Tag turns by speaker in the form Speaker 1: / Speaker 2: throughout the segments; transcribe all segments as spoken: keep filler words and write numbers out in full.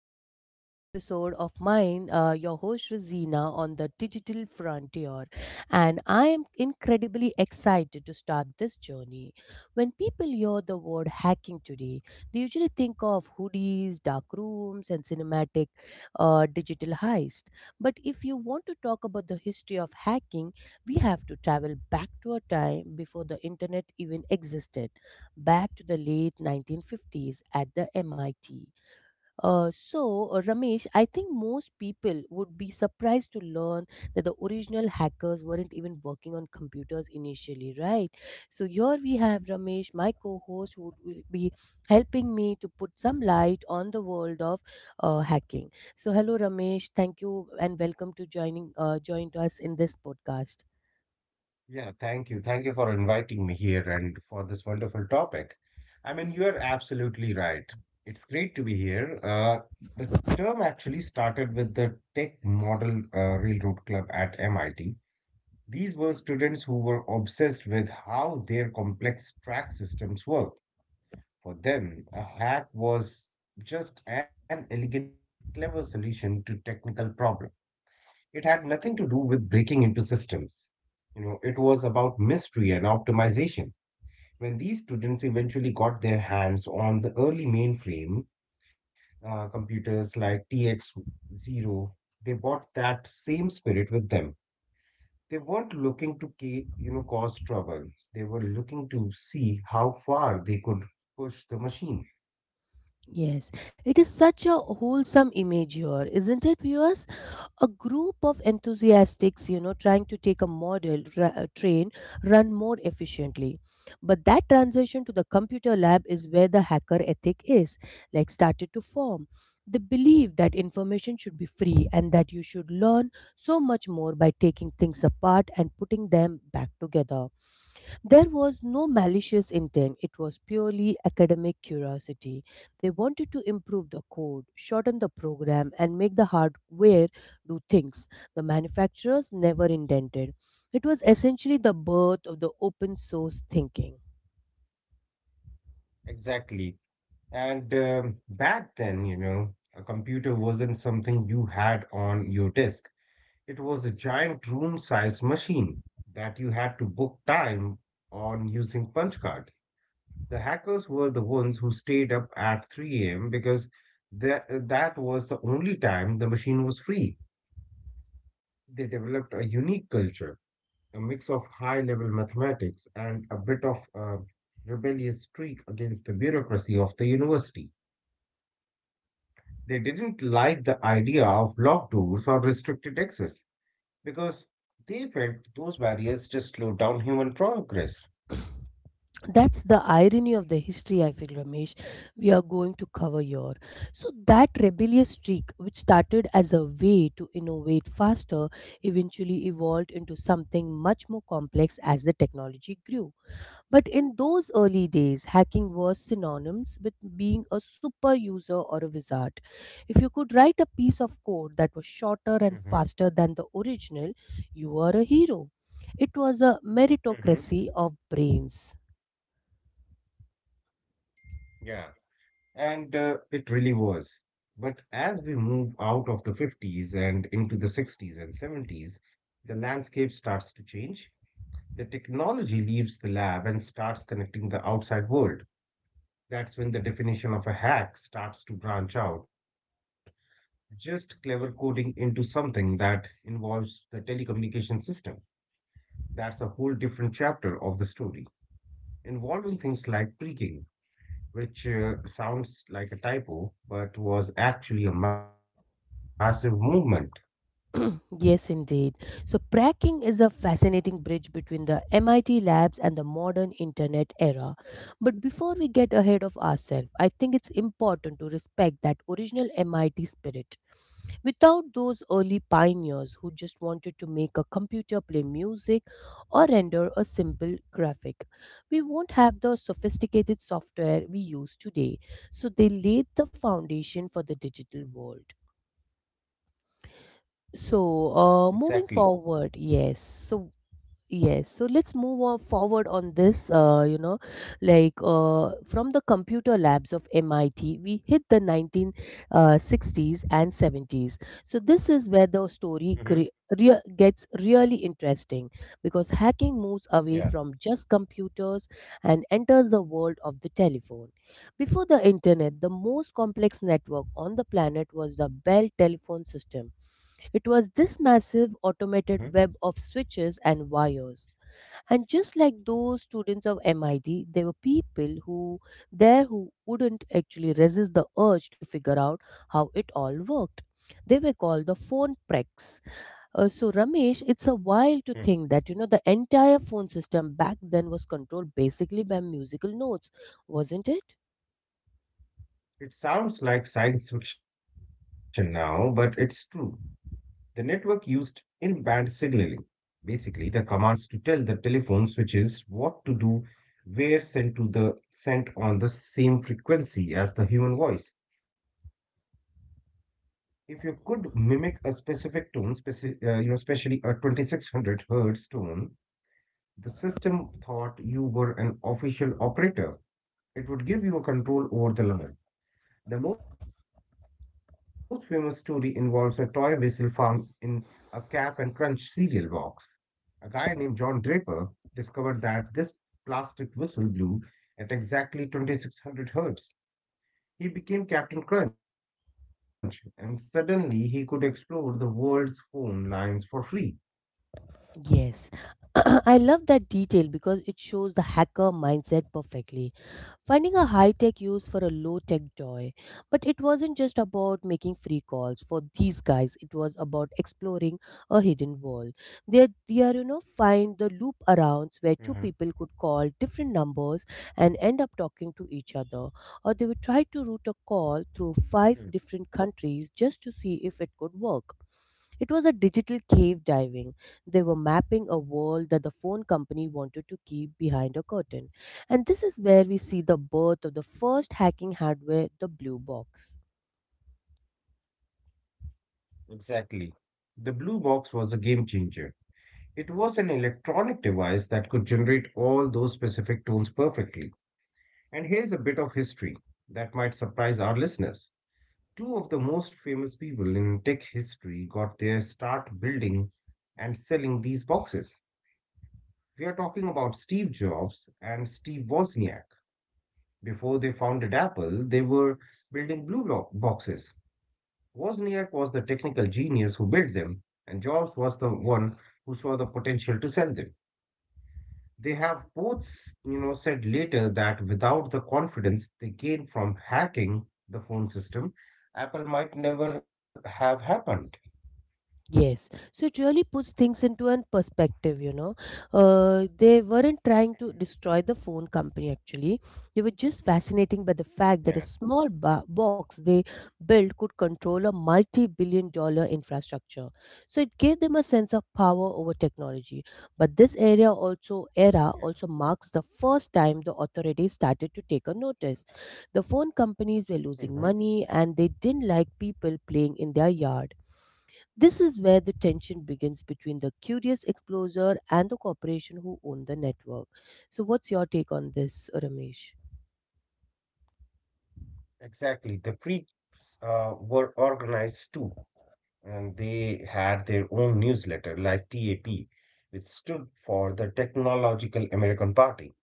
Speaker 1: uh, any episode of mine, uh, your host Rosina on the digital frontier. And I am incredibly excited to start this journey. When people hear the word hacking today, they usually think of hoodies, dark rooms, and cinematic uh, digital heist. But if you want to talk about the history of hacking, we have to travel back to a time before the internet even existed, back to the late nineteen fifties at the M I T. Uh, so, uh, Ramesh, I think most people would be surprised to learn that the original hackers weren't even working on computers initially, right? So, here we have Ramesh, my co host, who will be helping me to put some light on the world of uh, hacking. So, hello, Ramesh. Thank you and welcome to joining uh, joined us in this podcast.
Speaker 2: Yeah, thank you. Thank you for inviting me here and for this wonderful topic. I mean, you are
Speaker 1: Mhm.
Speaker 2: absolutely right. It's great to be here. Uh, the term actually started with the Tech Model uh, Railroad Club at M I T. These were students who were obsessed with how their complex track systems worked. For them, a hack was just an elegant, clever solution to technical problems. It had nothing to do with breaking into systems. You know, it was about mystery and optimization. When these students eventually got their hands on the early mainframe uh, computers like T X zero, they brought that same spirit with them. They weren't looking to, ca- you know, cause trouble. They were looking to see how far they could push the machine.
Speaker 1: Yes, it is such a wholesome image here, isn't it, viewers? A group of enthusiastics, you know, trying to take a model ra- uh, train run more efficiently. But that transition to the computer lab is where the hacker ethic is, like, started to form. They believe that information should be free and that you should learn so much more by taking things apart and putting them back together. There was no malicious intent, it was purely academic curiosity. They wanted to improve the code, shorten the program, and make the hardware do things the manufacturers never intended. It was essentially the birth of the open source thinking.
Speaker 2: Exactly. And um, back then, you know, a computer wasn't something you had on your desk. It was a giant room sized machine that you had to book time on using punch card. The hackers were the ones who stayed up at three a m because that, that was the only time the machine was free. They developed a unique culture, a mix of high level mathematics and a bit of a rebellious streak against the bureaucracy of the university. They didn't like the idea of locked doors or restricted access, because they felt those barriers just slowed down human progress.
Speaker 1: That's the irony of the history, I feel, Ramesh. We are going to cover your, so that rebellious streak which started as a way to innovate faster eventually evolved into something much more complex as the technology grew. But in those early days hacking was synonymous with being a super user or a wizard. If you could write a piece of code that was
Speaker 2: hmm
Speaker 1: shorter and faster than the original, you were a hero. It was a
Speaker 2: hmm
Speaker 1: meritocracy of brains.
Speaker 2: Yeah. And uh, it really was. But as we move out of the fifties and into the sixties and seventies, the landscape starts to change. The technology leaves the lab and starts connecting the outside world. That's when the definition of a hack starts to branch out. Just clever coding into something that involves the telecommunication system. That's a whole different chapter of the story, involving things like pre-game, which uh, sounds like a typo, but was actually a massive movement.
Speaker 1: Yes, indeed. So, Pracking is a fascinating bridge between the M I T labs and the modern internet era. But before we get ahead of ourselves, I think it's important to respect that original M I T spirit. Without those early pioneers who just wanted to make a computer play music or render a simple graphic, we won't have the sophisticated software we use today. So, they laid the foundation for the digital world. So, uh,
Speaker 2: Exactly.
Speaker 1: moving forward, yes. So, yes. So, let's move on forward on this. Uh, you know, like uh, from the computer labs of M I T, we hit the nineteen sixties and seventies. So, this is where the
Speaker 2: Mm-hmm.
Speaker 1: story cre- rea- gets really interesting because hacking moves away from just
Speaker 2: Yeah.
Speaker 1: computers and enters the world of the telephone. Before the internet, the most complex network on the planet was the Bell telephone system. It was this massive
Speaker 2: Mm-hmm.
Speaker 1: automated web of switches and wires. And just like those students of M I T, there were people who there who wouldn't actually resist the urge to figure out how it all worked. They were called the phone precs. Uh, so, Ramesh, it's a while to
Speaker 2: Mm.
Speaker 1: think that, you know, the entire phone system back then was controlled basically by musical notes, wasn't it?
Speaker 2: It sounds like science fiction now, but it's true. The network used in band signaling, basically, the commands to tell the telephone switches what to do were sent to the sent on the same frequency as the human voice. If you could mimic a specific tone, speci- uh, you know, especially a twenty-six hundred hertz tone, the system thought you were an official operator. It would give you a control over the line. The most famous story involves a toy whistle found in a Cap and Crunch cereal box. A guy named John Draper discovered that this plastic whistle blew at exactly twenty-six hundred hertz. He became Captain Crunch, and suddenly he could explore the world's phone lines for free.
Speaker 1: Yes, I love that detail because it shows the hacker mindset perfectly. Finding a high tech use for a low tech joy. But it wasn't just about making free calls for these guys, it was about exploring a hidden world. They, they are, you know, find the loop
Speaker 2: Mhm.
Speaker 1: arounds where two people could call different numbers and end up talking to each other. Or they would try to route a call through
Speaker 2: Mm.
Speaker 1: five different countries just to see if it could work. It was a digital cave diving. They were mapping a world that the phone company wanted to keep behind a curtain. And this is where we see the birth of the first hacking hardware, the Blue Box.
Speaker 2: Exactly. The Blue Box was a game changer. It was an electronic device that could generate all those specific tones perfectly. And here's a bit of history that might surprise our listeners. Two of the most famous people in tech history got their start building and selling these boxes. We are talking about Steve Jobs and Steve Wozniak. Before they founded Apple, they were building blue lo- boxes. Wozniak was the technical genius who built them, and Jobs was the one who saw the potential to sell them. They have both, you know, said later that without the confidence they gained from hacking the phone system, Apple might never have happened.
Speaker 1: Yes, so it really puts things into a perspective, you know. Uh, they weren't trying
Speaker 2: Mhm.
Speaker 1: to destroy the phone company actually. They were just fascinating by the fact that a
Speaker 2: Yeah,
Speaker 1: small ba- box they built could control a multi billion dollar infrastructure. So it gave them a sense of power over technology. But this area also era
Speaker 2: yeah.
Speaker 1: also marks the first time the authorities started to take a notice. The phone companies were losing
Speaker 2: Hmm.
Speaker 1: money and they didn't like people playing in their yard. This is where the tension begins between the curious explorer and the corporation who own the network. So, what's your take on this, Ramesh?
Speaker 2: Exactly. The freaks uh, were organized too, and they had their own newsletter, like TAP, which stood for the Technological American Party.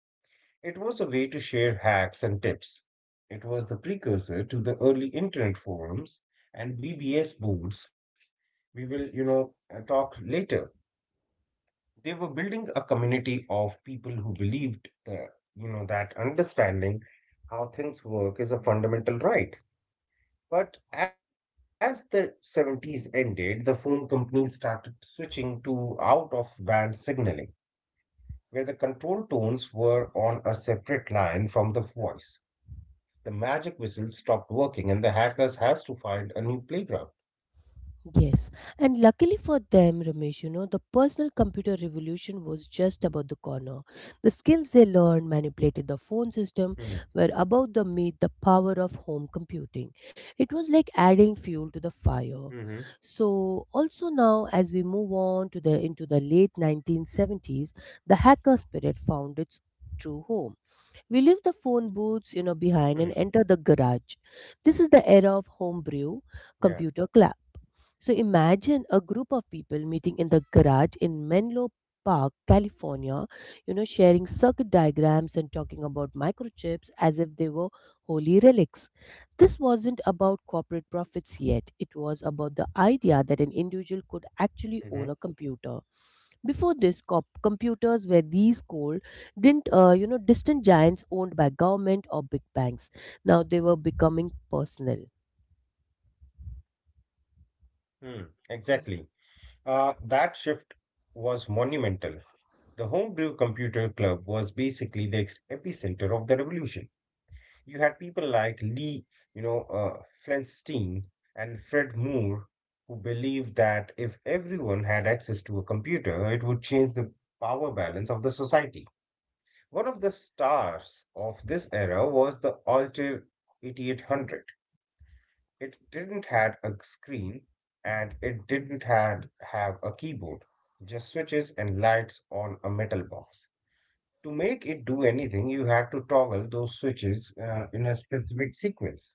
Speaker 2: It was a way to share hacks and tips. It was the precursor to the early internet forums and B B S boards. We will, you know, uh, talk later. They were building a community of people who believed that, you know, that understanding how things work is a fundamental right. But as the seventies ended, the phone companies started switching to out of band signaling, where the control tones were on a separate line from the voice. The magic whistle stopped working, and the hackers has to find a new playground.
Speaker 1: Yes, and luckily for them, Ramesh, you know, the personal computer revolution was just about the corner. The skills they learned manipulated the phone system
Speaker 2: Hmm.
Speaker 1: were about to meet the power of home computing. It was like adding fuel to the
Speaker 2: Hmm.
Speaker 1: fire. So, also now, as we move on to the into the late nineteen seventies, the hacker spirit found its true home. We leave the phone booths, you know,
Speaker 2: Hmm.
Speaker 1: behind and enter the garage. This is the era of homebrew
Speaker 2: Yeah.
Speaker 1: computer. So imagine a group of people meeting in the garage in Menlo Park, California, you know, sharing circuit diagrams and talking about microchips as if they were holy relics. This wasn't about corporate profits yet, it was about the idea that an
Speaker 2: Hmm.
Speaker 1: individual could actually own a computer. Before this, cop- computers were these cold, didn't uh, you know, distant giants owned by government or big banks. Now they were becoming personal.
Speaker 2: Hmm. Exactly. Uh, that shift was monumental. The homebrew computer club was basically the ex- epicenter of the revolution. You had people like Lee, you know, uh, Flinstein and Fred Moore who believed that if everyone had access to a computer, it would change the power balance of the society. One of the stars of this era was the Altair eighty-eight hundred. It didn't had a screen and it didn't had have a keyboard, just switches and lights on a metal box. To make it do anything, you had to toggle those switches uh, in a specific sequence.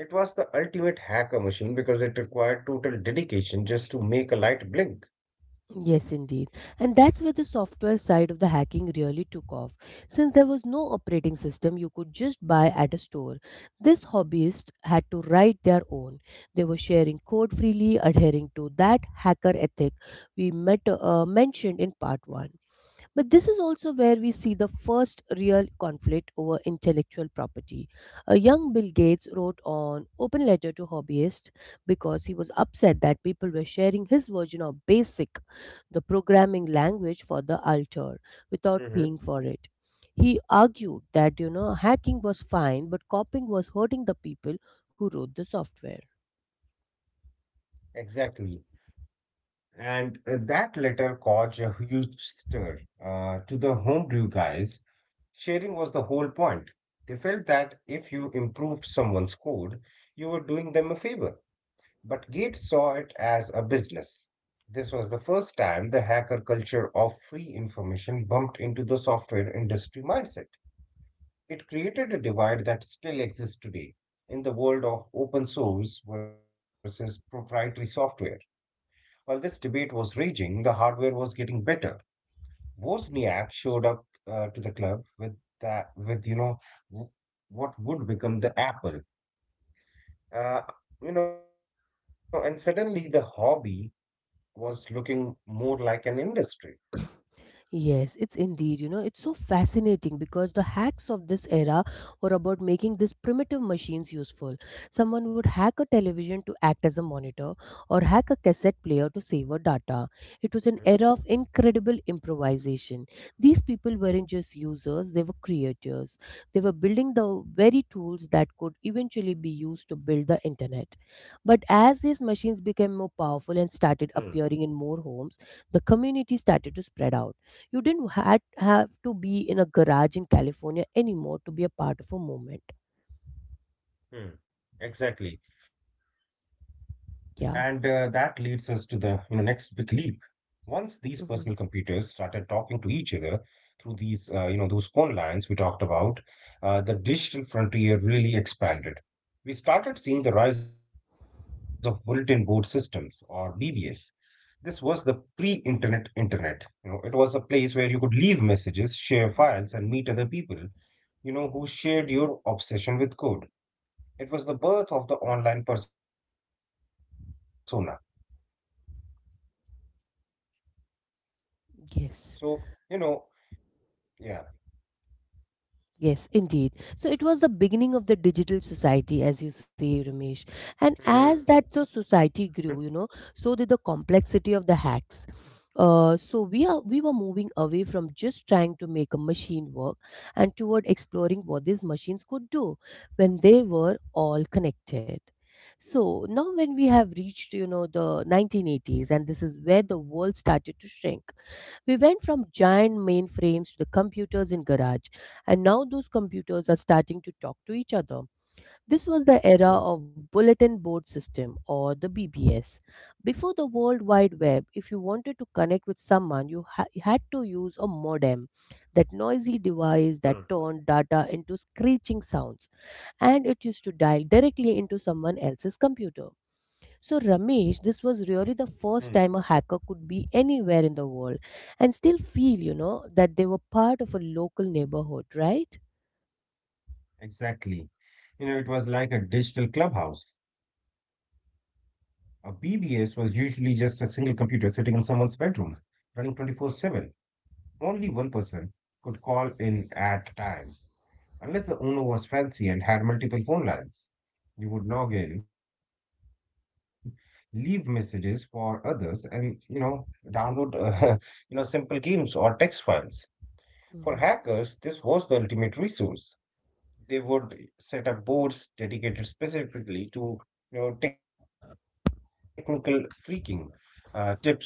Speaker 2: It was the ultimate hacker machine because it required total dedication just to make a light blink.
Speaker 1: Yes, indeed. And that's where the software side of the hacking really took off. Since there was no operating system you could just buy at a store, this hobbyist had to write their own. They were sharing code freely, adhering to that hacker ethic we met, uh, mentioned in part one. But this is also where we see the first real conflict over intellectual property. A young Bill Gates wrote an open letter to hobbyists because he was upset that people were sharing his version of BASIC, the programming language for the altar,
Speaker 2: Hmm.
Speaker 1: without paying for it. He argued that, you know, hacking was fine, but copying was hurting the people who wrote the software.
Speaker 2: Exactly. And uh, that letter caused a huge stir uh, to the homebrew guys. Sharing was the whole point. They felt that if you improved someone's code, you were doing them a favor. But Gates saw it as a business. This was the first time the hacker culture of free information bumped into the software industry mindset. It created a divide that still exists today in the world of open source versus proprietary software. While this debate was raging, the hardware was getting better. Wozniak showed up uh, to the club with that, with you know, w- what would become the Apple. Uh, you know, and suddenly the hobby was looking more like an industry.
Speaker 1: Yes, it's indeed. You know, it's so fascinating because the hacks of this era were about making these primitive machines useful. Someone would hack a television to act as a monitor or hack a cassette player to save our data. It was an
Speaker 2: Mhm.
Speaker 1: era of incredible improvisation. These people weren't just users, they were creators. They were building the very tools that could eventually be used to build the internet. But as these machines became more powerful and
Speaker 2: Hmm.
Speaker 1: started appearing in more homes, the community started to spread out. You didn't had, have to be in a garage in California anymore to be a part of a movement.
Speaker 2: Hmm. Exactly.
Speaker 1: Yeah.
Speaker 2: And uh, that leads us to the, you know, next big leap. Once
Speaker 1: Hmm.
Speaker 2: these personal computers started talking to each other through these, uh, you know, those phone lines we talked about, uh, the digital frontier really expanded. We started seeing the rise of bulletin board systems or B B S. This was the pre-internet internet. You know, it was a place where you could leave messages, share files, and meet other people, you know, who shared your obsession with code. It was the birth of the online persona.
Speaker 1: Yes.
Speaker 2: So, you know, yeah.
Speaker 1: Yes, indeed. So it was the beginning of the digital society, as you say, Ramesh. And as that the society grew, you know, so did the complexity of the hacks. Uh, so we are we were moving away from just trying to make a machine work and toward exploring what these machines could do when they were all connected. So now when we have reached, you know, the nineteen eighties, and this is where the world started to shrink. We went from giant mainframes to the computers in garage, and now those computers are starting to talk to each other. This was the era of bulletin board system or the B B S. Before the World Wide Web, if you wanted to connect with someone, you ha- had to use a modem, that noisy device
Speaker 2: Hmm.
Speaker 1: that turned data into screeching sounds, and it used to dial directly into someone else's computer. So,
Speaker 2: Hmm,
Speaker 1: Ramesh, this was really the first time a hacker could be anywhere in the world and still feel, you know, that they were part of a local neighborhood, right?
Speaker 2: exactly. You know, it was like a digital clubhouse. A B B S was usually just a single computer sitting in someone's bedroom, running twenty-four seven. Only one person could call in at a time, unless the owner was fancy and had multiple phone lines. You would log in, leave messages for others, and you know, download uh, you know simple games or text files. For hackers,
Speaker 1: Mm-hmm.
Speaker 2: this was the ultimate resource. They would set up boards dedicated specifically to you know, technical freaking, uh, tips, or code sharing.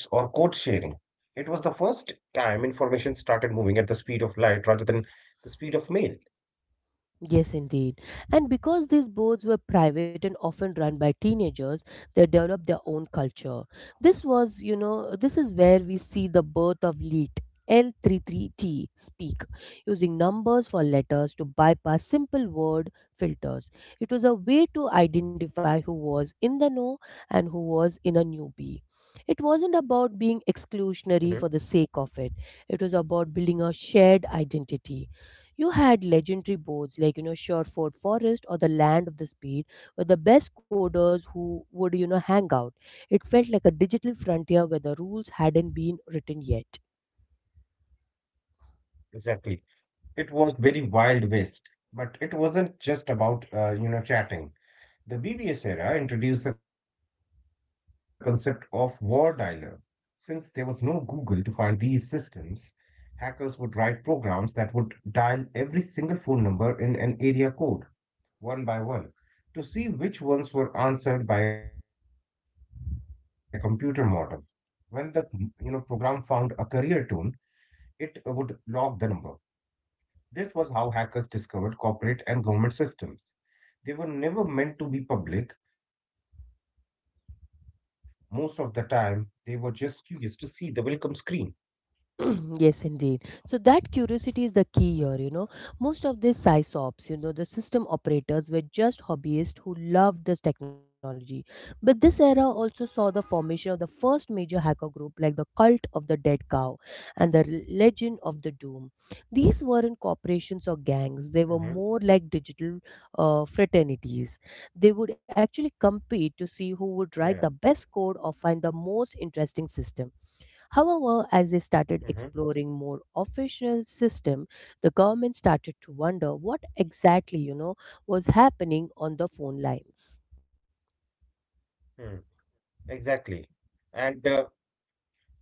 Speaker 2: It was the first time information started moving at the speed of light rather than the speed of mail.
Speaker 1: Yes, indeed. And because these boards were private and often run by teenagers, they developed their own culture. This was, you know, this is where we see the birth of LEET, L33T, speak, using numbers for letters to bypass simple word filters. It was a way to identify who was in the know and who was in a newbie. It wasn't
Speaker 2: Mhm.
Speaker 1: about being exclusionary for the sake of it, it was about building a shared identity. You had legendary boards like, you know, Sherford Forest or the Land of the Speed, where the best coders who would, you know, hang out. It felt like a digital frontier where the rules hadn't been written yet.
Speaker 2: Exactly. It was very wild west, but it wasn't just about uh, you know chatting. The B B S era introduced the concept of war dialer. Since there was no Google to find these systems, hackers would write programs that would dial every single phone number in an area code, one by one, to see which ones were answered by a computer modem. When the mm, you know program found a career tone, it uh, would log the number. This was how hackers discovered corporate and government systems. They were never meant to be public. Most of the time, they were just curious to see the welcome screen.
Speaker 1: Yes, indeed. So that curiosity is the key here, you know. Most of these sysops, you know, the system operators, were just hobbyists who loved this technology. But this era also saw the formation of the first major hacker group like the cult of the dead cow and the legend of the doom. These weren't
Speaker 2: Mm-hmm.
Speaker 1: corporations or gangs, they were more like digital uh, fraternities. They would actually compete
Speaker 2: Yeah.
Speaker 1: to see who would write the best code or find the most interesting system. However, as they
Speaker 2: Mm-hmm.
Speaker 1: started exploring more official system, the government started to wonder what exactly, you know, was happening on the phone lines.
Speaker 2: Mm. Exactly. And uh,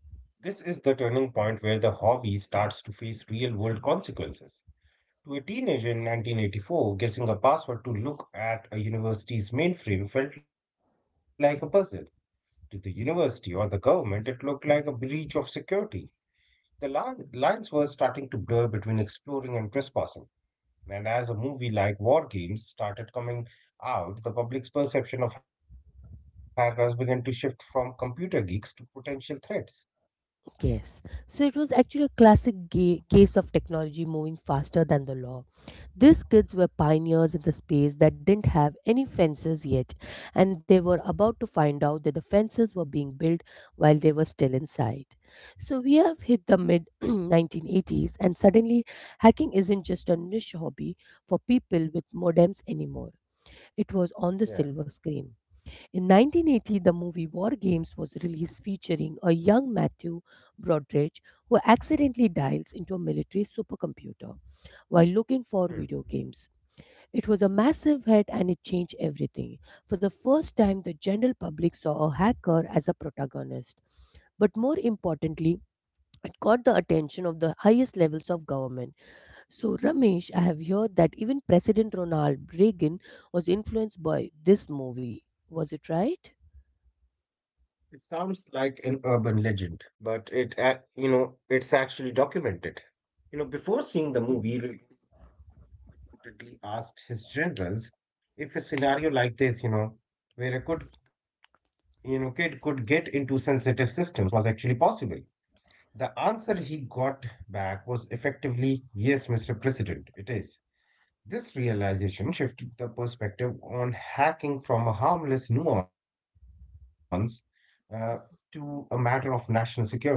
Speaker 2: this is the turning point where the hobby starts to face real world consequences. To a teenager in nineteen eighty-four, guessing a password to look at a university's mainframe felt like a puzzle. To the university or the government, it looked like a breach of security. The li- lines were starting to blur between exploring and trespassing. And as a movie like War Games started coming out, the public's perception of hackers began to shift from computer geeks to potential threats.
Speaker 1: Yes. So it was actually a classic ga- case of technology moving faster than the law. These kids were pioneers in the space that didn't have any fences yet, and they were about to find out that the fences were being built while they were still inside. So we have hit the mid nineteen eighties, and suddenly hacking isn't just a niche hobby for people with modems anymore. It was on
Speaker 2: Yeah.
Speaker 1: the silver screen. In nineteen eighty, the movie War Games was released, featuring a young Matthew Broderick, who accidentally dials into a military supercomputer while
Speaker 2: Hmm.
Speaker 1: looking for video games. It was a massive hit and it changed everything. For the first time, the general public saw a hacker as a protagonist. But more importantly, it caught the attention of the highest levels of government. So, Ramesh, I have heard that even President Ronald Reagan was influenced by this movie. Was it right?
Speaker 2: It sounds like an urban legend, but it, ac- you know, it's actually documented. You know, before seeing the movie, Ridley reportedly asked his generals if a scenario like this, you know, where a could, you know, kid could get into sensitive systems was actually possible. The answer he got back was effectively, yes, Mister President, it is. This realization shifted the perspective on hacking from a harmless nuance uh, to a matter of national security.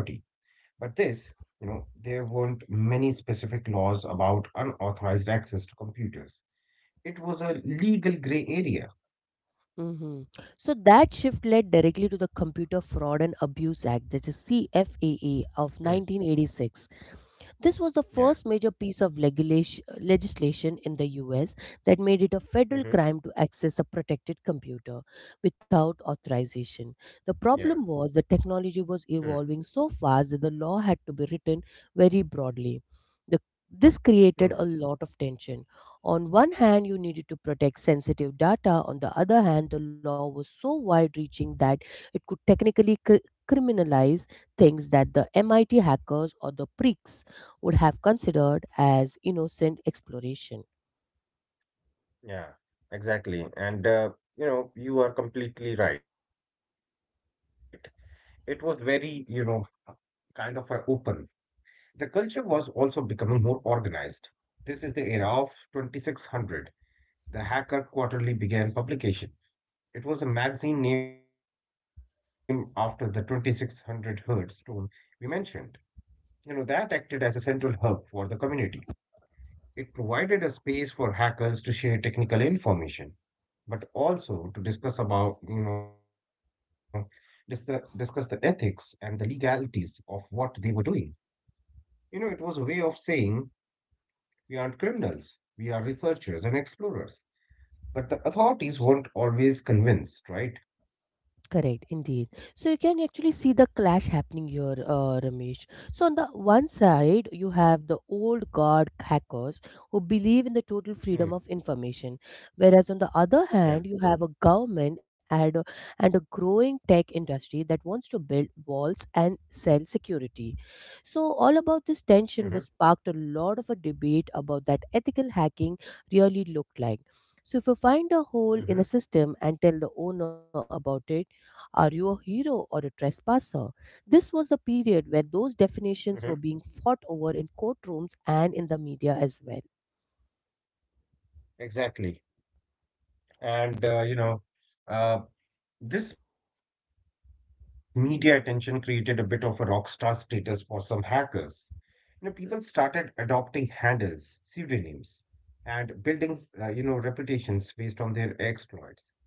Speaker 2: But this, you know, there weren't many specific laws about unauthorized access to computers. It was a legal gray area.
Speaker 1: Hmm. So that shift led directly to the Computer Fraud and Abuse Act, that is
Speaker 2: Hmm.
Speaker 1: C F A A of nineteen eighty-six. This
Speaker 2: Yeah.
Speaker 1: was the first major piece of legislation legislation in the U S that made it a
Speaker 2: Mm-hmm.
Speaker 1: federal crime to access a protected computer without
Speaker 2: Yeah.
Speaker 1: authorization. The problem was the technology was evolving so fast that the law had to be written very broadly. The,
Speaker 2: Hmm.
Speaker 1: this created a lot of tension. On one hand, you needed to protect sensitive data. On the other hand, the law was so wide reaching that it could technically cr- criminalize things that the M I T hackers or the pricks would have considered as innocent exploration.
Speaker 2: Yeah, exactly. And uh, you know, you are completely right. It was very, you know, uh, kind of a open. The culture was also becoming more organized. This is the era of twenty-six hundred. The Hacker Quarterly began publication. It was a magazine named after the twenty-six hundred Herd stone we mentioned. You know, that acted as a central hub for the community. It provided a space for hackers to share technical information but also to discuss about, you know, discuss, discuss the ethics and the legalities of what they were doing. You know, it was a way of saying we aren't criminals, we are researchers and explorers. But the authorities weren't always convinced, right?
Speaker 1: Correct, indeed. So you can actually see the clash happening here, uh, Ramesh. So on the one side, you have the old guard hackers who believe in the
Speaker 2: Hmm.
Speaker 1: total freedom of information, whereas on the
Speaker 2: Yeah.
Speaker 1: other hand, you have a government and a, and a growing tech industry that wants to build walls and sell security. So all
Speaker 2: Mm-hmm.
Speaker 1: about this tension was sparked a lot of a debate about that ethical hacking really looked like. So if you find a
Speaker 2: Mm-hmm.
Speaker 1: hole in a system and tell the owner about it, are you a hero or a trespasser? This was the period
Speaker 2: Mm-hmm.
Speaker 1: where those definitions were being fought over in courtrooms and in the media as well.
Speaker 2: Exactly. And, uh, you know, uh, this media attention created a bit of a rock star status for some hackers. You know, people started adopting handles, pseudonyms, and buildings, uh, you know, reputations based on their exploits.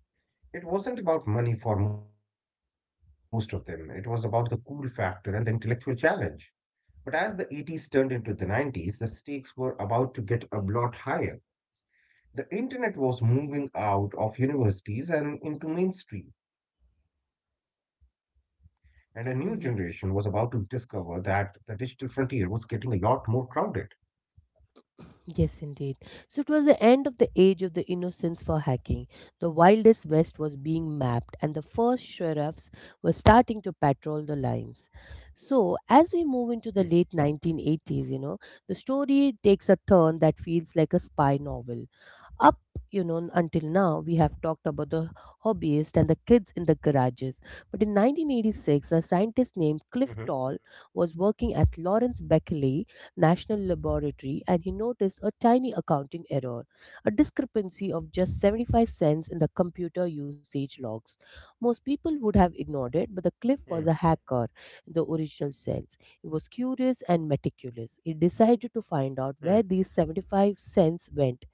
Speaker 2: It wasn't about money for most of them, it was about the cool factor and the intellectual challenge. But as the eighties turned into the nineties, the stakes were about to get a lot higher. The internet was moving out of universities and into mainstream, and a new generation was about to discover
Speaker 1: Mhm.
Speaker 2: that the digital frontier was getting a lot more crowded.
Speaker 1: Yes, indeed. So it was the end of the age of the innocence for hacking. The wildest west was being mapped, and the first sheriffs were starting to patrol the lines.
Speaker 2: Hmm.
Speaker 1: So, as we move into the late nineteen eighties, you know, the story takes a turn that feels like a spy novel. Up You know, until now we have talked about the hobbyists and the kids in the garages, but in
Speaker 2: Mm-hmm.
Speaker 1: nineteen eighty-six a scientist named Cliff Toll was working at Lawrence Berkeley National Laboratory, and he noticed a tiny accounting error, a discrepancy of just seventy-five cents in the computer usage logs. Most people would have ignored it, but the Cliff was a hacker in the original sense. He was curious and meticulous. He decided
Speaker 2: Mm-hmm.
Speaker 1: to find out where these seventy-five cents went,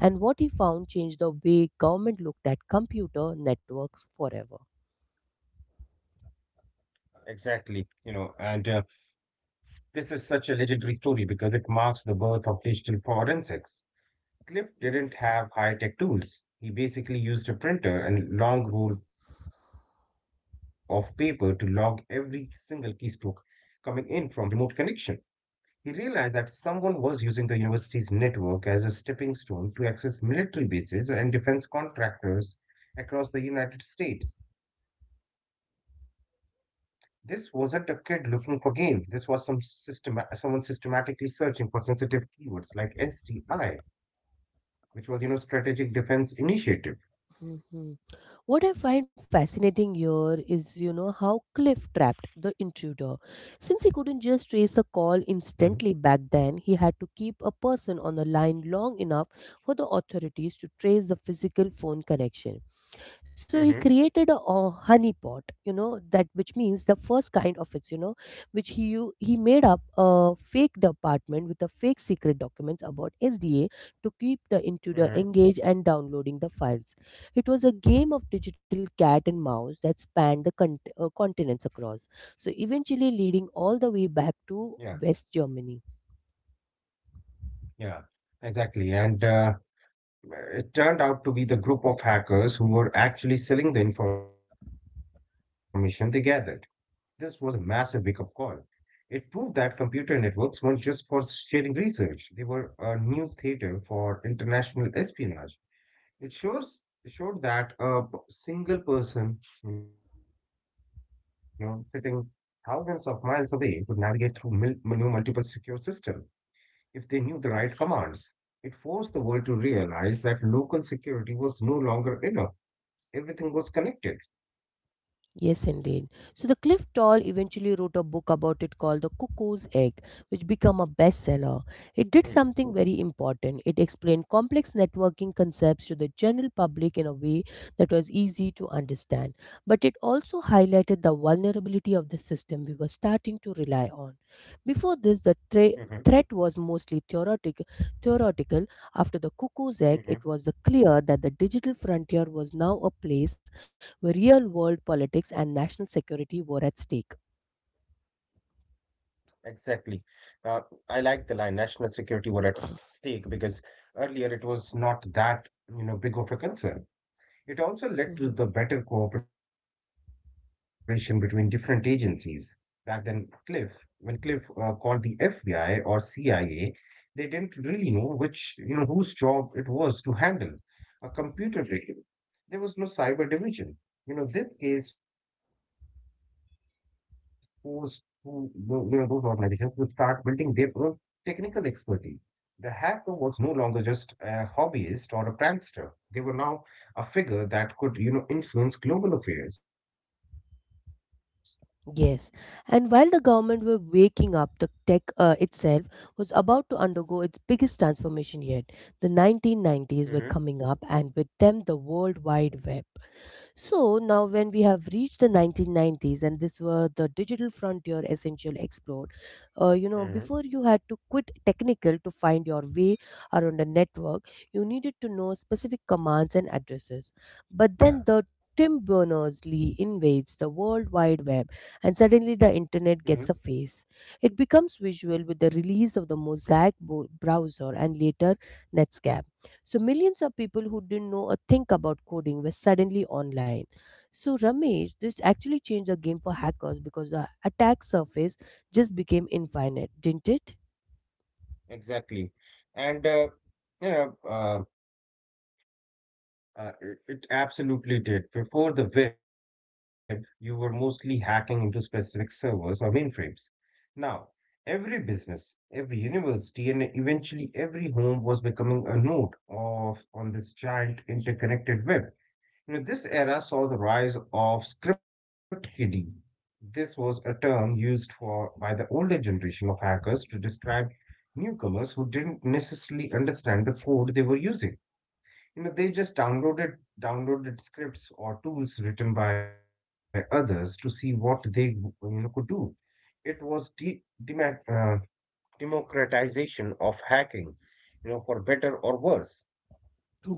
Speaker 1: and what he found changed the way government looked at computer networks forever.
Speaker 2: Exactly. You know, and uh, This is such a legendary story because it marks the birth of digital forensics. Cliff didn't have high tech tools. He basically used a printer and long roll of paper to log every single keystroke coming in from remote connection. He realized that someone was using the university's network as a stepping stone to access military bases and defense contractors across the United States. This wasn't a kid looking for game. This was some system someone systematically searching for sensitive keywords like S T I, which was, you know, Strategic Defense Initiative.
Speaker 1: Mhm. What I find fascinating here is, you know, how Cliff trapped the intruder. Since he couldn't just
Speaker 2: hmm
Speaker 1: trace a call instantly back then, he had to keep a person on the line long enough for the authorities to trace the physical phone connection. So
Speaker 2: hmm
Speaker 1: he created a, a honey pot, you know, that which means the first kind of it, you know, which he u- he made up a fake department with a fake secret documents about SDA to keep the
Speaker 2: hmm
Speaker 1: intruder engaged and downloading the files. It was a game of digital cat and mouse that spanned the cont- uh, continents across, so eventually leading
Speaker 2: Yeah,
Speaker 1: all the way back to West Germany.
Speaker 2: yeah, exactly. And uh, It turned out to be the group of hackers who were actually selling the information they gathered. This was a massive wake-up call. It proved that computer networks weren't just for sharing research, they were a new theater for international espionage. It shows it showed that a p- single person, you know, sitting thousands of miles away could navigate through mil- mul- multiple secure systems if they knew the right commands. It forced the world to realize that local security was no longer enough. Everything was connected.
Speaker 1: Yes, indeed. So the Cliff Toll eventually wrote a book about it called The Cuckoo's Egg, which became a bestseller. It did something very important. It explained complex networking concepts to the general public in a way that was easy to understand. But it also highlighted the vulnerability of the system we were starting to rely on.
Speaker 2: Mm-hmm.
Speaker 1: Before this, the tra- threat was mostly theoretic- theoretical. After the Cuckoo's Egg, it was clear that the digital frontier was now a place where real world politics and national security were at stake.
Speaker 2: Exactly. Uh, I like the line national security were at s- stake because earlier it was not that, you know, big of a concern. It also led to the better
Speaker 1: Mhm.
Speaker 2: cooperation between different agencies. Back then, Cliff, when Cliff uh, called the F B I or C I A, they didn't really know which, you know, whose job it was to handle a computer rig. There was no cyber division. You know, this case forced who- tho- you know, those organizations to start building their own technical expertise. The hacker was no longer just a hobbyist or a prankster. They were now a figure that could, you know, influence global affairs.
Speaker 1: Yes, and while the government were waking up, the tech uh, itself was about to undergo its biggest transformation yet. The
Speaker 2: Mm-hmm.
Speaker 1: nineteen nineties were coming up, and with them, the World Wide Web. So now, when we have reached the nineteen nineties, and this were the digital frontier essential explored, uh, you
Speaker 2: Mm-hmm.
Speaker 1: know, before you had to quit technical to find your way around a network, you needed to know specific commands and addresses. But
Speaker 2: Yeah.
Speaker 1: then the Tim Berners-Lee invades the World Wide Web, and suddenly the
Speaker 2: Mm-hmm.
Speaker 1: internet gets a face. It becomes visual with the release of the Mosaic bo- browser and later Netscape. So millions of people who didn't know a thing about coding were suddenly online. So Ramesh, this actually changed the game for hackers because the attack surface just became infinite, didn't it?
Speaker 2: Exactly. And uh, you know, uh, uh, it, it absolutely did. Before the web, you were mostly hacking into specific servers or mainframes. Now, every business, every university, and eventually every home was becoming a node of on this giant interconnected web. You know, this era saw the rise of script kiddie. This was a term used for by the older generation of hackers to describe newcomers who didn't necessarily understand the code they were using. You know, they just downloaded downloaded scripts or tools written by others to see what they you know could do. It was de- demat uh, democratization of hacking, you know, for better or worse.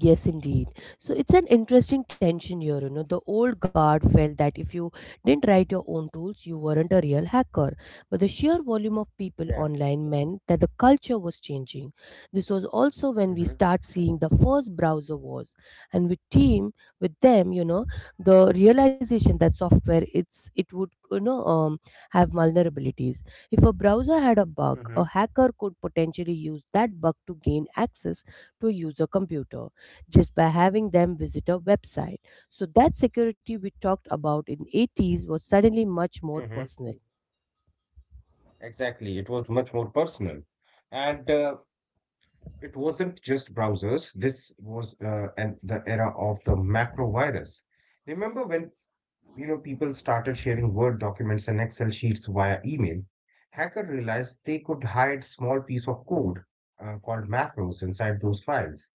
Speaker 1: Yes, indeed. So it's an interesting tension here. You know, the old guard felt that if you didn't write your own tools, you weren't a real hacker. But the sheer volume of
Speaker 2: Yeah.
Speaker 1: people online meant that the culture was changing. This was also when we
Speaker 2: hmm
Speaker 1: start seeing the first browser wars, and with team with them, you know, the realization that software it's it would, you know, um, have vulnerabilities. If a browser had a bug,
Speaker 2: hmm
Speaker 1: a hacker could potentially use that bug to gain access to a user computer just by having them visit a website. So that security we talked about in eighties was suddenly much
Speaker 2: hmm
Speaker 1: more personal.
Speaker 2: Exactly. It was much more personal, and uh, it wasn't just browsers. This was uh, and the era of the macro virus. Remember when you know people started sharing Word documents and Excel sheets via email? Hacker realized they could hide small piece of code uh, called macros inside those files.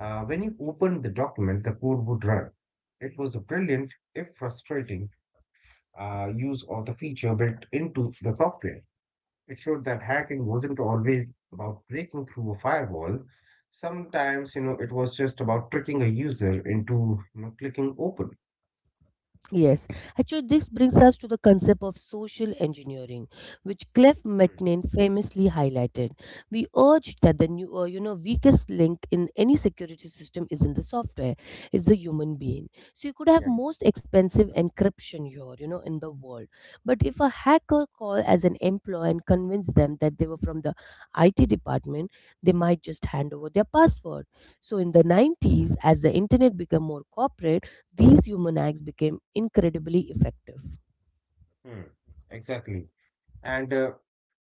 Speaker 2: Uh, when you opened the document, the code would run. It was a brilliant, if frustrating, uh, use of the feature built into the software. It showed that hacking wasn't always about breaking through a firewall. Sometimes, you know, it was just about tricking a user into, you know, clicking open.
Speaker 1: Yes, actually, this brings us to the concept of social engineering, which Clef
Speaker 2: Hmm.
Speaker 1: Metnin famously highlighted. We urged that the new, uh, you know, weakest link in any security system isn't the software; it's the human being. So you could have
Speaker 2: Yeah.
Speaker 1: most expensive encryption here, you know, in the world, but if a hacker call as an employee and convince them that they were from the I T department, they might just hand over their password. So in the nineties, as the internet became more corporate, these human acts became incredibly effective.
Speaker 2: Hmm. Exactly. And uh,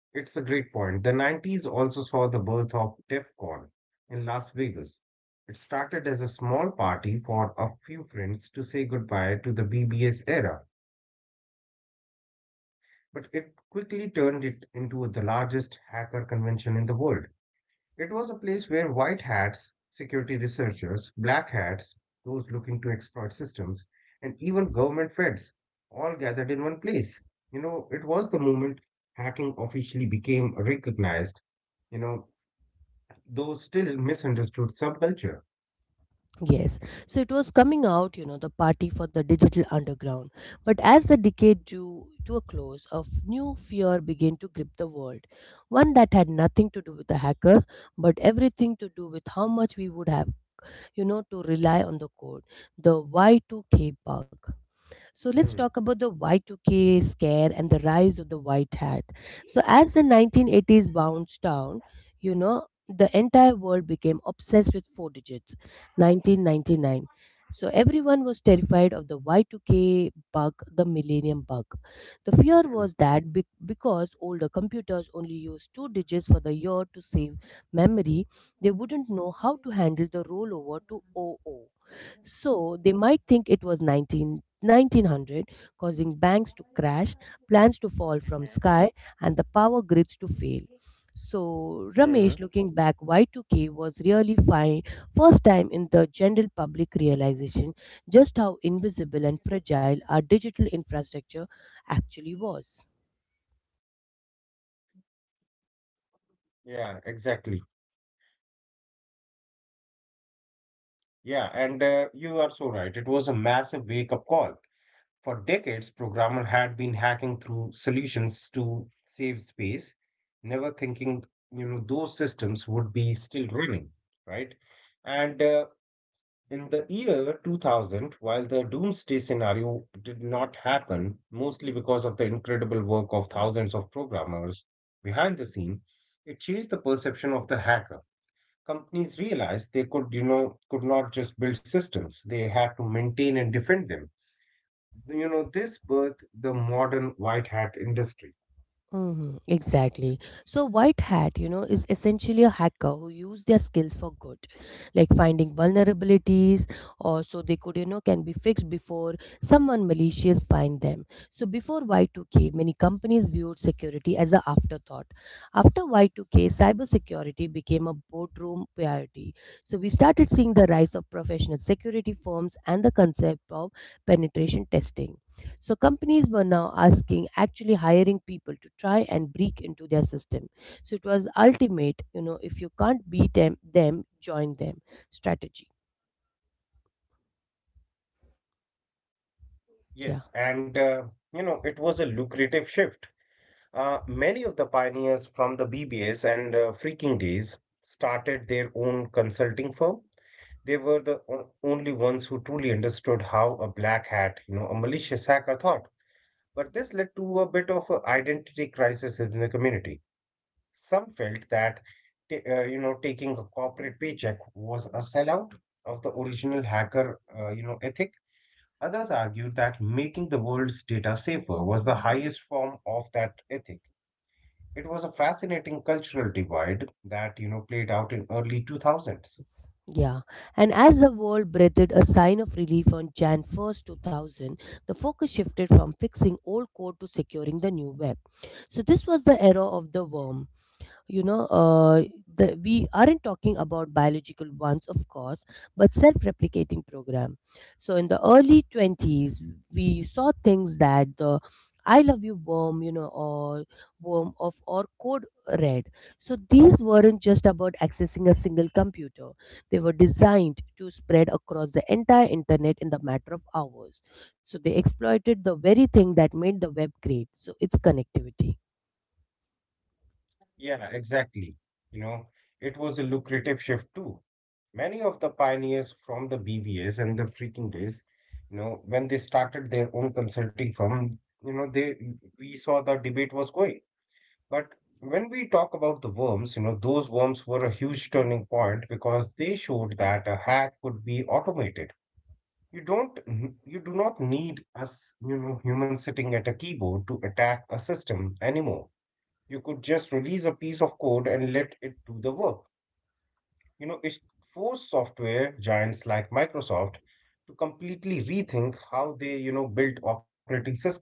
Speaker 2: It's a great point. The nineties also saw the birth of DEF CON in Las Vegas. It started as a small party for a few friends to say goodbye to the B B S era, but it quickly turned it into the largest hacker convention in the world. It was a place where white hats, security researchers, black hats, those looking to exploit systems, and even government feds all gathered in one place. You know, it was the moment hacking officially became recognized, you know, though still misunderstood subculture.
Speaker 1: Yes, so it was coming out, you know, the party for the digital underground. But as the decade drew to a close, a f- new fear began to grip the world. One that had nothing to do with the hackers, but everything to do with how much we would have, you know, to rely on the code. The Y two K bug. So let's
Speaker 2: Hmm.
Speaker 1: talk about the Y two K scare and the rise of the white hat. So as the nineteen eighties bounced down, you know, the entire world became obsessed with four digits, nineteen ninety-nine. So everyone was terrified of the Y two K bug, the millennium bug. The fear
Speaker 2: Hmm.
Speaker 1: was that be- because older computers only used two digits for the year to save memory, they wouldn't know how to handle the rollover to double oh. So they might think it was nineteen nineteen hundred, causing banks to crash, plans to fall from sky, and the power grids to fail. So,
Speaker 2: hmm
Speaker 1: Ramesh,
Speaker 2: hmm
Speaker 1: looking back, Y two K was really fine first time in the general public realization just how invisible and fragile our digital infrastructure actually was.
Speaker 2: Yeah, exactly. Yeah, and uh, You are so right. It was a massive wake-up call. For decades, programmer had been hacking through solutions to save space, never thinking, you know, those systems would be still running, right? And uh, In the year two thousand, while the doomsday scenario did not happen, mostly because of the incredible work of thousands of programmers behind the scene, it changed the perception of the hacker. Companies realized they could, you know, could not just build systems; they had to maintain and defend them. You know, this birthed the modern white hat industry.
Speaker 1: Hmm, exactly. So, white hat, you know, is essentially a hacker who use their skills for good, like finding vulnerabilities, or so they could, you know, can be fixed before someone malicious find them. So, before Y two K, many companies viewed security as an afterthought. After Y two K, cybersecurity became a boardroom priority. So, we started seeing the rise of professional security firms and the concept of penetration testing. So companies were now asking, actually hiring people to try and break into their system. So it was ultimate, you know, if you can't beat them, them join them strategy. Yeah.
Speaker 2: Yes, and uh, you know, it was a lucrative shift. Uh, many of the pioneers from the B B S and uh, Freaking Days started their own consulting firm. They were the o- only ones who truly understood how a black hat, you know, a malicious hacker thought. But this led to a bit of a identity crisis in the community. Some felt that, ta- uh, you know, taking a corporate paycheck was a sellout of the original hacker, uh, you know, ethic. Others argued that making the world's data safer was the highest form of that ethic. It was a fascinating cultural divide that, you know, played out in early two thousands.
Speaker 1: Yeah. And as the world breathed a sigh of relief on January first, two thousand, the focus shifted from fixing old code to securing the new web. So this was the era of the worm. you know uh, the, we aren't talking about biological ones, of course, but self-replicating program. So in the early twenties, we saw things that the I love you worm, you know, or worm of or code red. So these weren't just about accessing a single computer. They were designed to spread across the entire internet in the matter of hours. So they exploited the very thing that made the web great, so it's connectivity.
Speaker 2: Yeah, exactly. You know, it was a lucrative shift too. Many of the pioneers from the B B S and the freaking days, you know, when they started their own consulting firm, you know, they we saw the debate was going. But when we talk about the worms, you know, those worms were a huge turning point because they showed that a hack could be automated. You don't, n- You do not need us, you know, human sitting at a keyboard to attack a system anymore. You could just release a piece of code and let it do the work. You know, it forced software giants like Microsoft to completely rethink how they, you know, built operating system.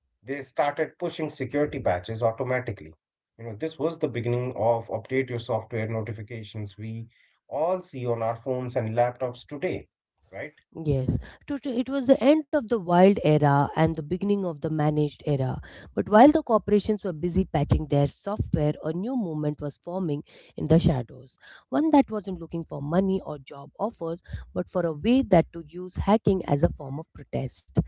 Speaker 2: They started pushing security patches automatically. You know, this was the beginning of update your software notifications we all see on our phones and laptops today, right?
Speaker 1: Yes, Tot- it was the end of the wild era and the beginning of the managed era. But while the corporations were busy patching their software, a new movement was forming in the shadows. One that wasn't looking for money or job offers, but for a way that to use hacking as a form of protest.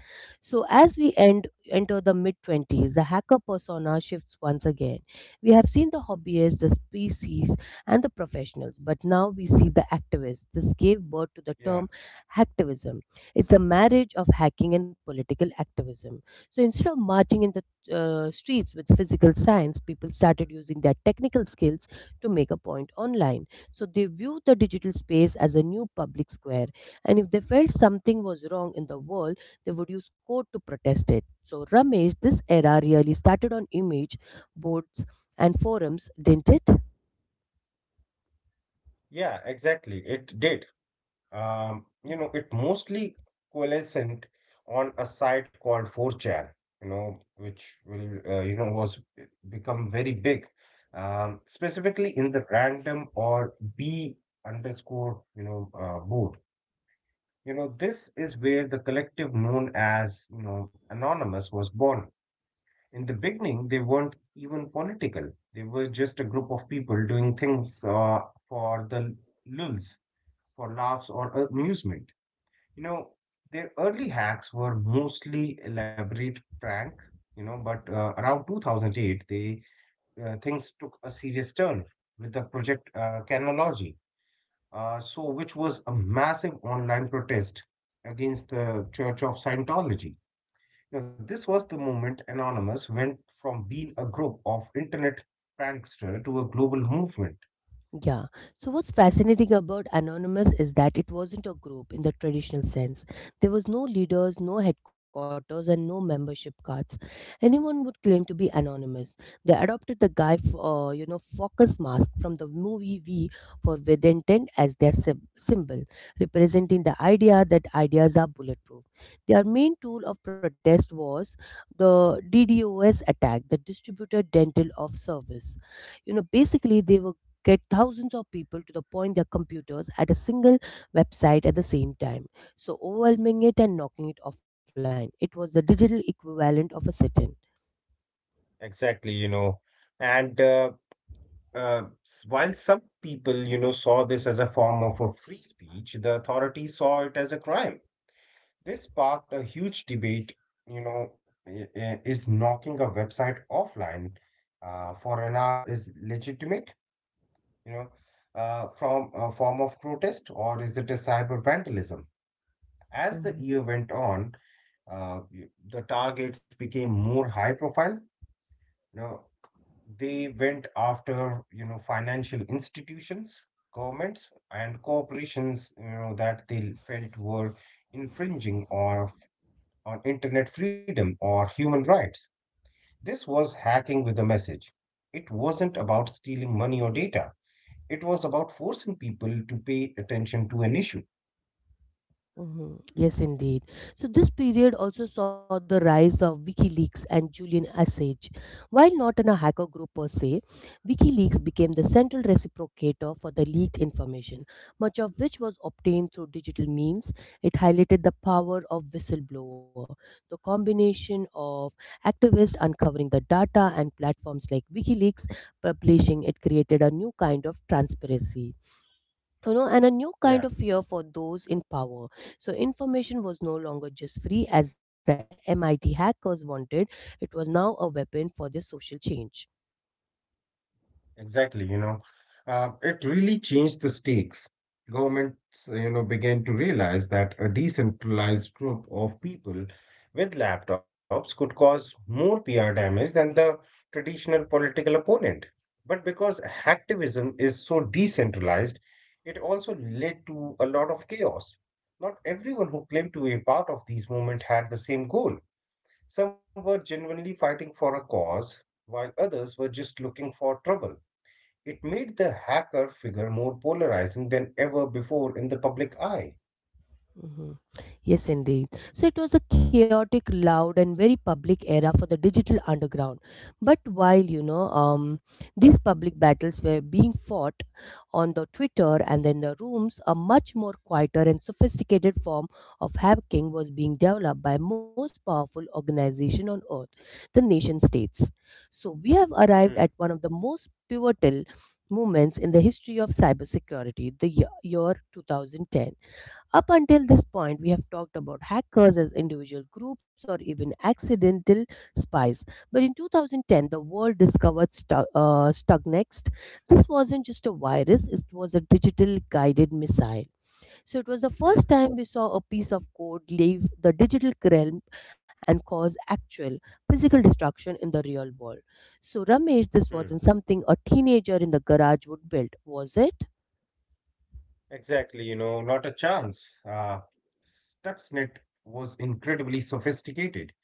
Speaker 1: So as we end enter the mid twenties, the hacker persona shifts once again. We have seen the hobbyists, the species, and the professionals, but now we see the activists. This gave birth to the
Speaker 2: Yeah.
Speaker 1: term hacktivism. It's the marriage of hacking and political activism. So instead of marching in the uh, streets with physical signs, people started using their technical skills to make a point online. So they viewed the digital space as a new public square, and if they felt something was wrong in the world, they would use code to protest it. So, Ramesh, this era really started on image boards and forums, didn't it?
Speaker 2: Yeah, exactly. It did. Um, you know, it mostly coalescent on a site called four chan, you know, which will, uh, you know, was become very big, um, specifically in the random or B underscore, you know, uh, board. You know, this is where the collective known as, you know, Anonymous was born. In the beginning, they weren't even political. They were just a group of people doing things uh, for the lulz, for laughs or amusement. You know, their early hacks were mostly elaborate prank, you know, but uh, around two thousand eight, they uh, things took a serious turn with the project uh, Canology, uh, so which was a massive online protest against the Church of Scientology. Now, this was the moment Anonymous went from being a group of internet prankster to a global movement.
Speaker 1: Yeah. So what's fascinating about Anonymous is that it wasn't a group in the traditional sense. There was no leaders, no headquarters, and no membership cards. Anyone would claim to be anonymous. They adopted the guy, f- uh, you know, Focus mask from the movie V for Vedenten as their sym- symbol, representing the idea that ideas are bulletproof. Their main tool of protest was the DDoS attack, the Distributed Dental of Service. You know, basically they were get thousands of people to the point their computers at a single website at the same time, so overwhelming it and knocking it offline. It was the digital equivalent of a sit-in.
Speaker 2: Exactly, you know, and uh, Uh, s- while some people, you know, saw this as a form of a free speech, the authorities saw it as a crime. This sparked a huge debate, you know, i- i- is knocking a website offline uh, for an hour is legitimate, you know, uh, from a form of protest, or is it a cyber vandalism? As the
Speaker 1: Mhm.
Speaker 2: year went on, uh, y- the targets became more high profile. You know, they went after, you know, financial institutions, governments, and corporations, you know, that they felt were infringing on, on internet freedom or human rights. This was hacking with a message. It wasn't about stealing money or data. It was about forcing people to pay attention to an issue.
Speaker 1: Mhm. Yes, indeed. So this period also saw the rise of WikiLeaks and Julian Assange. While not in a hacker group per se, WikiLeaks became the central reciprocator for the leaked information, much of which was obtained through digital means. It highlighted the power of whistleblower. The combination of activists uncovering the data and platforms like WikiLeaks publishing it created a new kind of transparency, you know, and a
Speaker 2: Yeah.
Speaker 1: new kind of fear for those in power. So information was no longer just free as the MIT hackers wanted. It was now a weapon for their social change.
Speaker 2: Exactly, you know, uh, it really changed the stakes. Governments, you know, began to realize that a decentralized group of people with laptops could cause more P R damage than the traditional political opponent. But because hacktivism is so decentralized, it also led to a lot of chaos. Not everyone who claimed to be a part of these movement had the same goal. Some were genuinely fighting for a cause, while others were just looking for trouble. It made the hacker figure more polarizing than ever before in the public eye.
Speaker 1: Hmm. Yes, indeed. So it was a chaotic, loud, and very public era for the digital underground. But while you know um, these public battles were being fought on the Twitter and then the rooms, a much more quieter and sophisticated form of hacking was being developed by most powerful organization on earth, the nation states. So we have
Speaker 2: Hmm,
Speaker 1: arrived at one of the most pivotal moments in the history of cybersecurity, the year year twenty ten. Up until this point, we have talked about hackers as individual groups or even accidental spies. But in twenty ten, the world discovered Stu- uh, Stuxnet. This wasn't just a virus, it was a digital guided missile. So it was the
Speaker 2: hmm,
Speaker 1: first time we saw a piece of code leave the digital realm and cause actual physical destruction in the real world. So, Ramesh,
Speaker 2: hmm.
Speaker 1: this wasn't something a teenager in the garage would build, was it?
Speaker 2: Exactly, you know, not a chance. Uh, Stuxnet was incredibly sophisticated.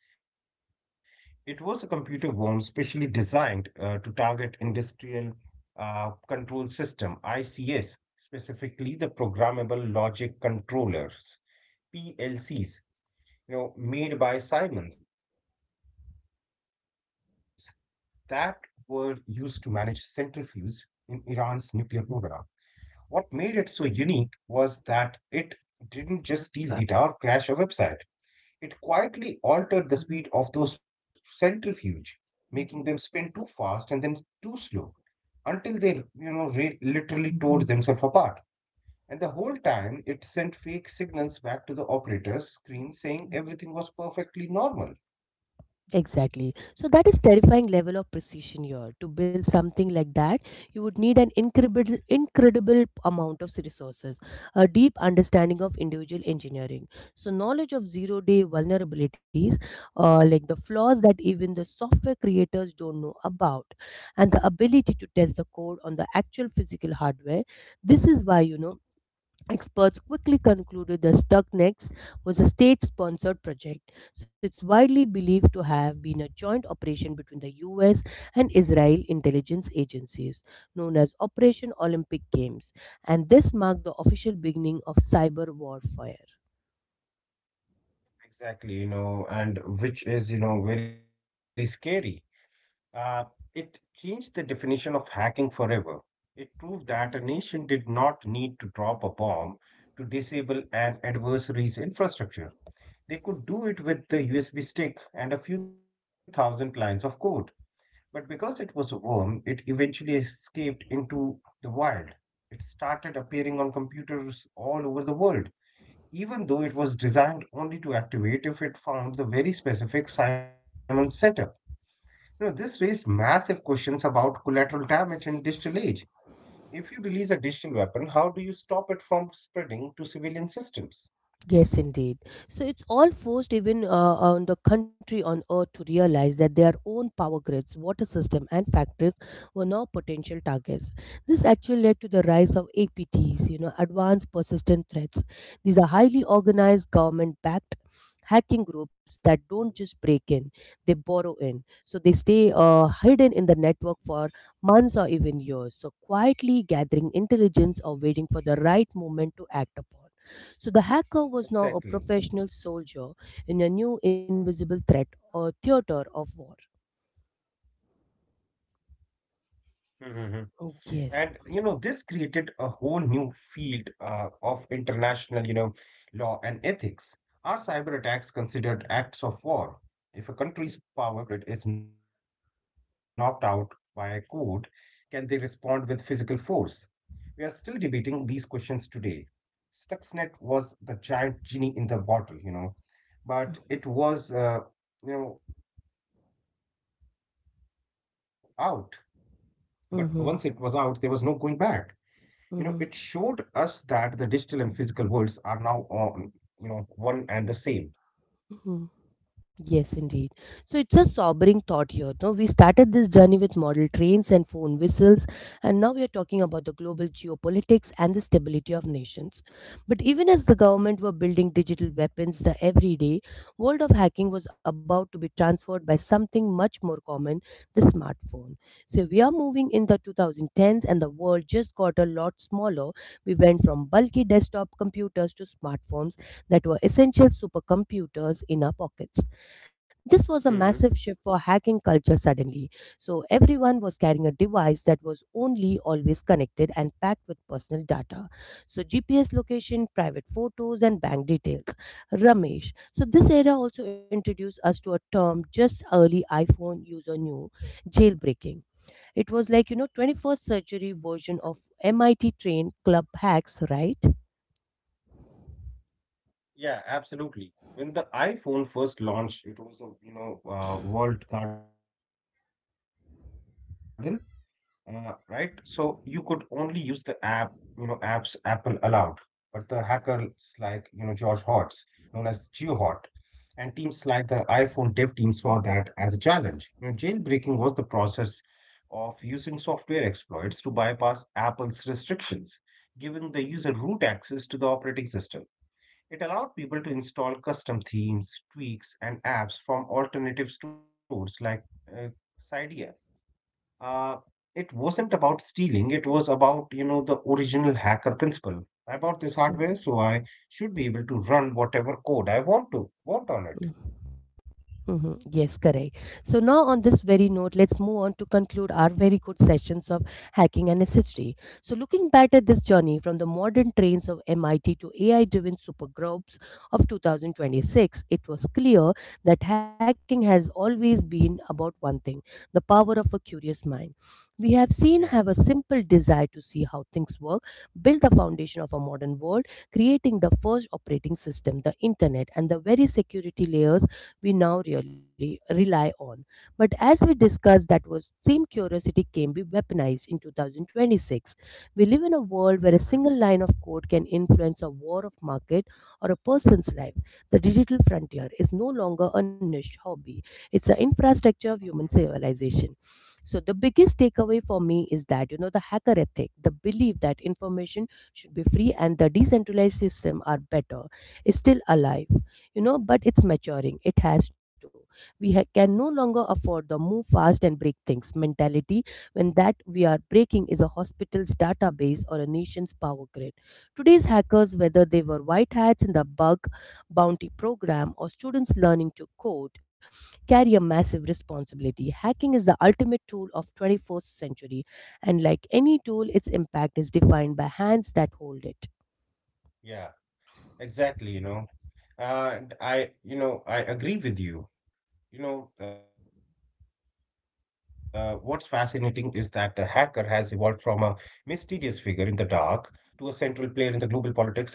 Speaker 2: It was a computer worm specially designed uh, to target industrial uh, control system (I C S), specifically the programmable logic controllers (P L Cs), you know, made by Siemens. That were used to manage centrifuges in Iran's nuclear program. What made it so unique was that it didn't just steal data or crash a website. It quietly altered the speed of those centrifuge, making them spin too fast and then too slow until they, you know, re- literally tore themselves apart. And the whole time, it sent fake signals back to the operator's screen saying everything was perfectly normal.
Speaker 1: Exactly. So that is terrifying level of precision here. To build something like that, you would need an incredible incredible amount of resources, a deep understanding of individual engineering. So knowledge of zero day vulnerabilities, uh, like the flaws that even the software creators don't know about, and the ability to test the code on the actual physical hardware. This is why, you know, experts quickly concluded that Stuxnet was a state sponsored project. So it's widely believed to have been a joint operation between the U S and Israel intelligence agencies, known as Operation Olympic Games, and this marked the official beginning of cyber warfare.
Speaker 2: Exactly, you know, and which is, you know, very scary. Uh, it changed the definition of hacking forever. It proved that a nation did not need to drop a bomb to disable an adversary's infrastructure. They could do it with the U S B stick and a few thousand lines of code. But because it was a worm, it eventually escaped into the wild. It started appearing on computers all over the world even though it was designed only to activate if it found the very specific Simon setup. You know, this raised massive questions about collateral damage in digital age. If you release a digital weapon, how do you stop it from spreading to civilian systems?
Speaker 1: Yes, indeed. So it's all forced even uh, on the country on earth to realize that their own power grids, water system, and factories were now potential targets. This actually led to the rise of A P Ts, you know, advanced persistent threats. These are highly organized, government-backed hacking groups that don't just break in; they borrow in. So they stay uh, hidden in the network for months or even years, so quietly gathering intelligence or waiting for the right moment to act upon. So the hacker was now a
Speaker 2: Exactly.
Speaker 1: professional soldier in a new invisible threat or theater of war.
Speaker 2: Mhm. And you know, this created a whole
Speaker 1: Oh,
Speaker 2: new
Speaker 1: yes.
Speaker 2: field uh, of international, you know, law and ethics. Are cyber attacks considered acts of war? If a country's power grid is knocked out by a court, can they respond with physical force? We are still debating these questions today. Stuxnet was the giant genie in the bottle, you know, but it was, uh, you know, out. But once it was out, there was no going back. You know, it
Speaker 1: Mm-hmm.
Speaker 2: showed us that the digital and physical
Speaker 1: Mm-hmm.
Speaker 2: worlds are now on, you know, one and the same.
Speaker 1: Mm-hmm. Yes, indeed. So it's a sobering thought here. No, we started this journey with model trains and phone whistles, and now we are talking about the global geopolitics and the stability of nations. But even as the government were building digital weapons, the everyday world of hacking was about to be transformed by something much more common, the smartphone. So we are moving in the
Speaker 2: Mhm.
Speaker 1: twenty tens, and the world just got a lot smaller. We went from bulky desktop computers to smartphones that were essential supercomputers in our pockets. This was a
Speaker 2: Mhm.
Speaker 1: massive shift for hacking culture suddenly. So everyone was carrying a device that was only always connected and packed with personal data. So G P S location, private photos, and bank details. Ramesh. So this era also introduced us to a term just early iPhone user knew, jailbreaking. It was like, you know, twenty-first century version of M I T train club hacks, right?
Speaker 2: Yeah, absolutely. When the iPhone first launched, it was a, you know, uh, walled garden, uh, right? So you could only use the app, you know, apps Apple allowed. But the hackers like, you know, George Hotz, known as GeoHot, and teams like the iPhone dev team saw that as a challenge. You know, jailbreaking was the process of using software exploits to bypass Apple's restrictions, giving the user root access to the operating system. It allowed people to install custom themes, tweaks, and apps from alternative stores like uh, Cydia. Uh, it wasn't about stealing, it was about, you know, the original hacker principle. I bought this hardware, so I should be able to run whatever code I want to want on it.
Speaker 1: Mm-hmm. Yes, correct. So now on this very note, let's move on to conclude our very good sessions of hacking and its history. So looking back at this journey from the modern trains of M I T to A I-driven supergroups of twenty twenty-six, it was clear that hacking has always been about one thing, the power of a curious mind. We have
Speaker 2: Yeah.
Speaker 1: seen have a simple desire to see how things work, build the foundation of a modern world, creating the first operating system, the internet, and the very security layers we now really rely on. But as we discussed, that was same curiosity can be weaponized in twenty twenty-six. We live in a
Speaker 2: Hmm, hmm.
Speaker 1: world where a single line of code can influence a war of market or a person's life. The digital frontier is no longer a niche hobby. It's an infrastructure of human civilization. So the biggest takeaway for me is that, you know, the hacker ethic, the belief that information should be free and the decentralized system are better, it's still alive, you know, but it's maturing. It has to. We ha- can no longer afford the move fast and break things mentality when that we are breaking is a hospital's database or a nation's power grid. Today's hackers, whether they were white hats in the bug bounty program or students learning to code, carry a massive responsibility. Hacking is the ultimate tool of twenty-first century, and like any tool, its impact is defined by hands that hold it.
Speaker 2: Yeah, exactly, you know. Uh, and I, you know, I agree with you. You know, uh, what's fascinating is that the hacker has evolved from a mysterious figure in the dark to a central player in the global politics and economic.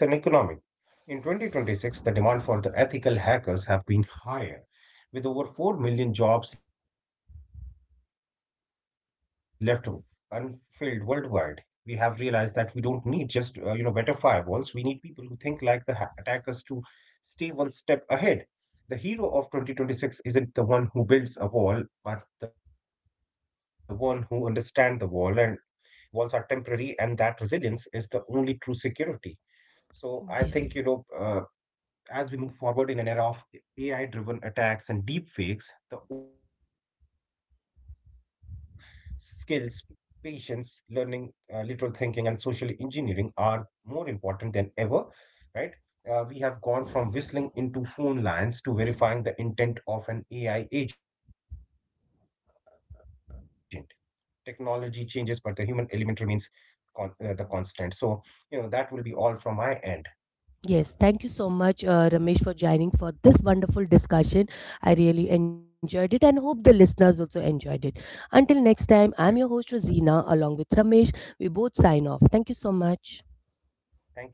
Speaker 2: In twenty twenty-six, the demand for the ethical hackers have been higher, with over four million jobs left unfilled worldwide. We have realized that we don't need just uh, you know better firewalls. We need people who think like the ha- attackers to stay one step ahead. The hero of twenty twenty-six isn't the one who builds a wall, but the one who understands the wall and walls are temporary and that resilience is the only true security. So I think you know uh,
Speaker 1: Yes.
Speaker 2: as we move forward in an era of A I driven attacks and deepfakes, the old hacker skills, patience, learning, uh, literal thinking, and social engineering are more important than ever, right? Uh, we have gone from whistling into phone lines to verifying the intent of an A I agent. Technology changes, but the human element remains con- uh, the constant. So, you know, that will be all from my end.
Speaker 1: Yes, thank you so much, uh, Ramesh, for joining for this wonderful discussion. I really enjoyed it and hope the listeners also enjoyed it. Until next time,
Speaker 2: Yeah.
Speaker 1: I'm your host, Rosina, along with Ramesh. We both sign off. Thank you so much.
Speaker 2: Thank you.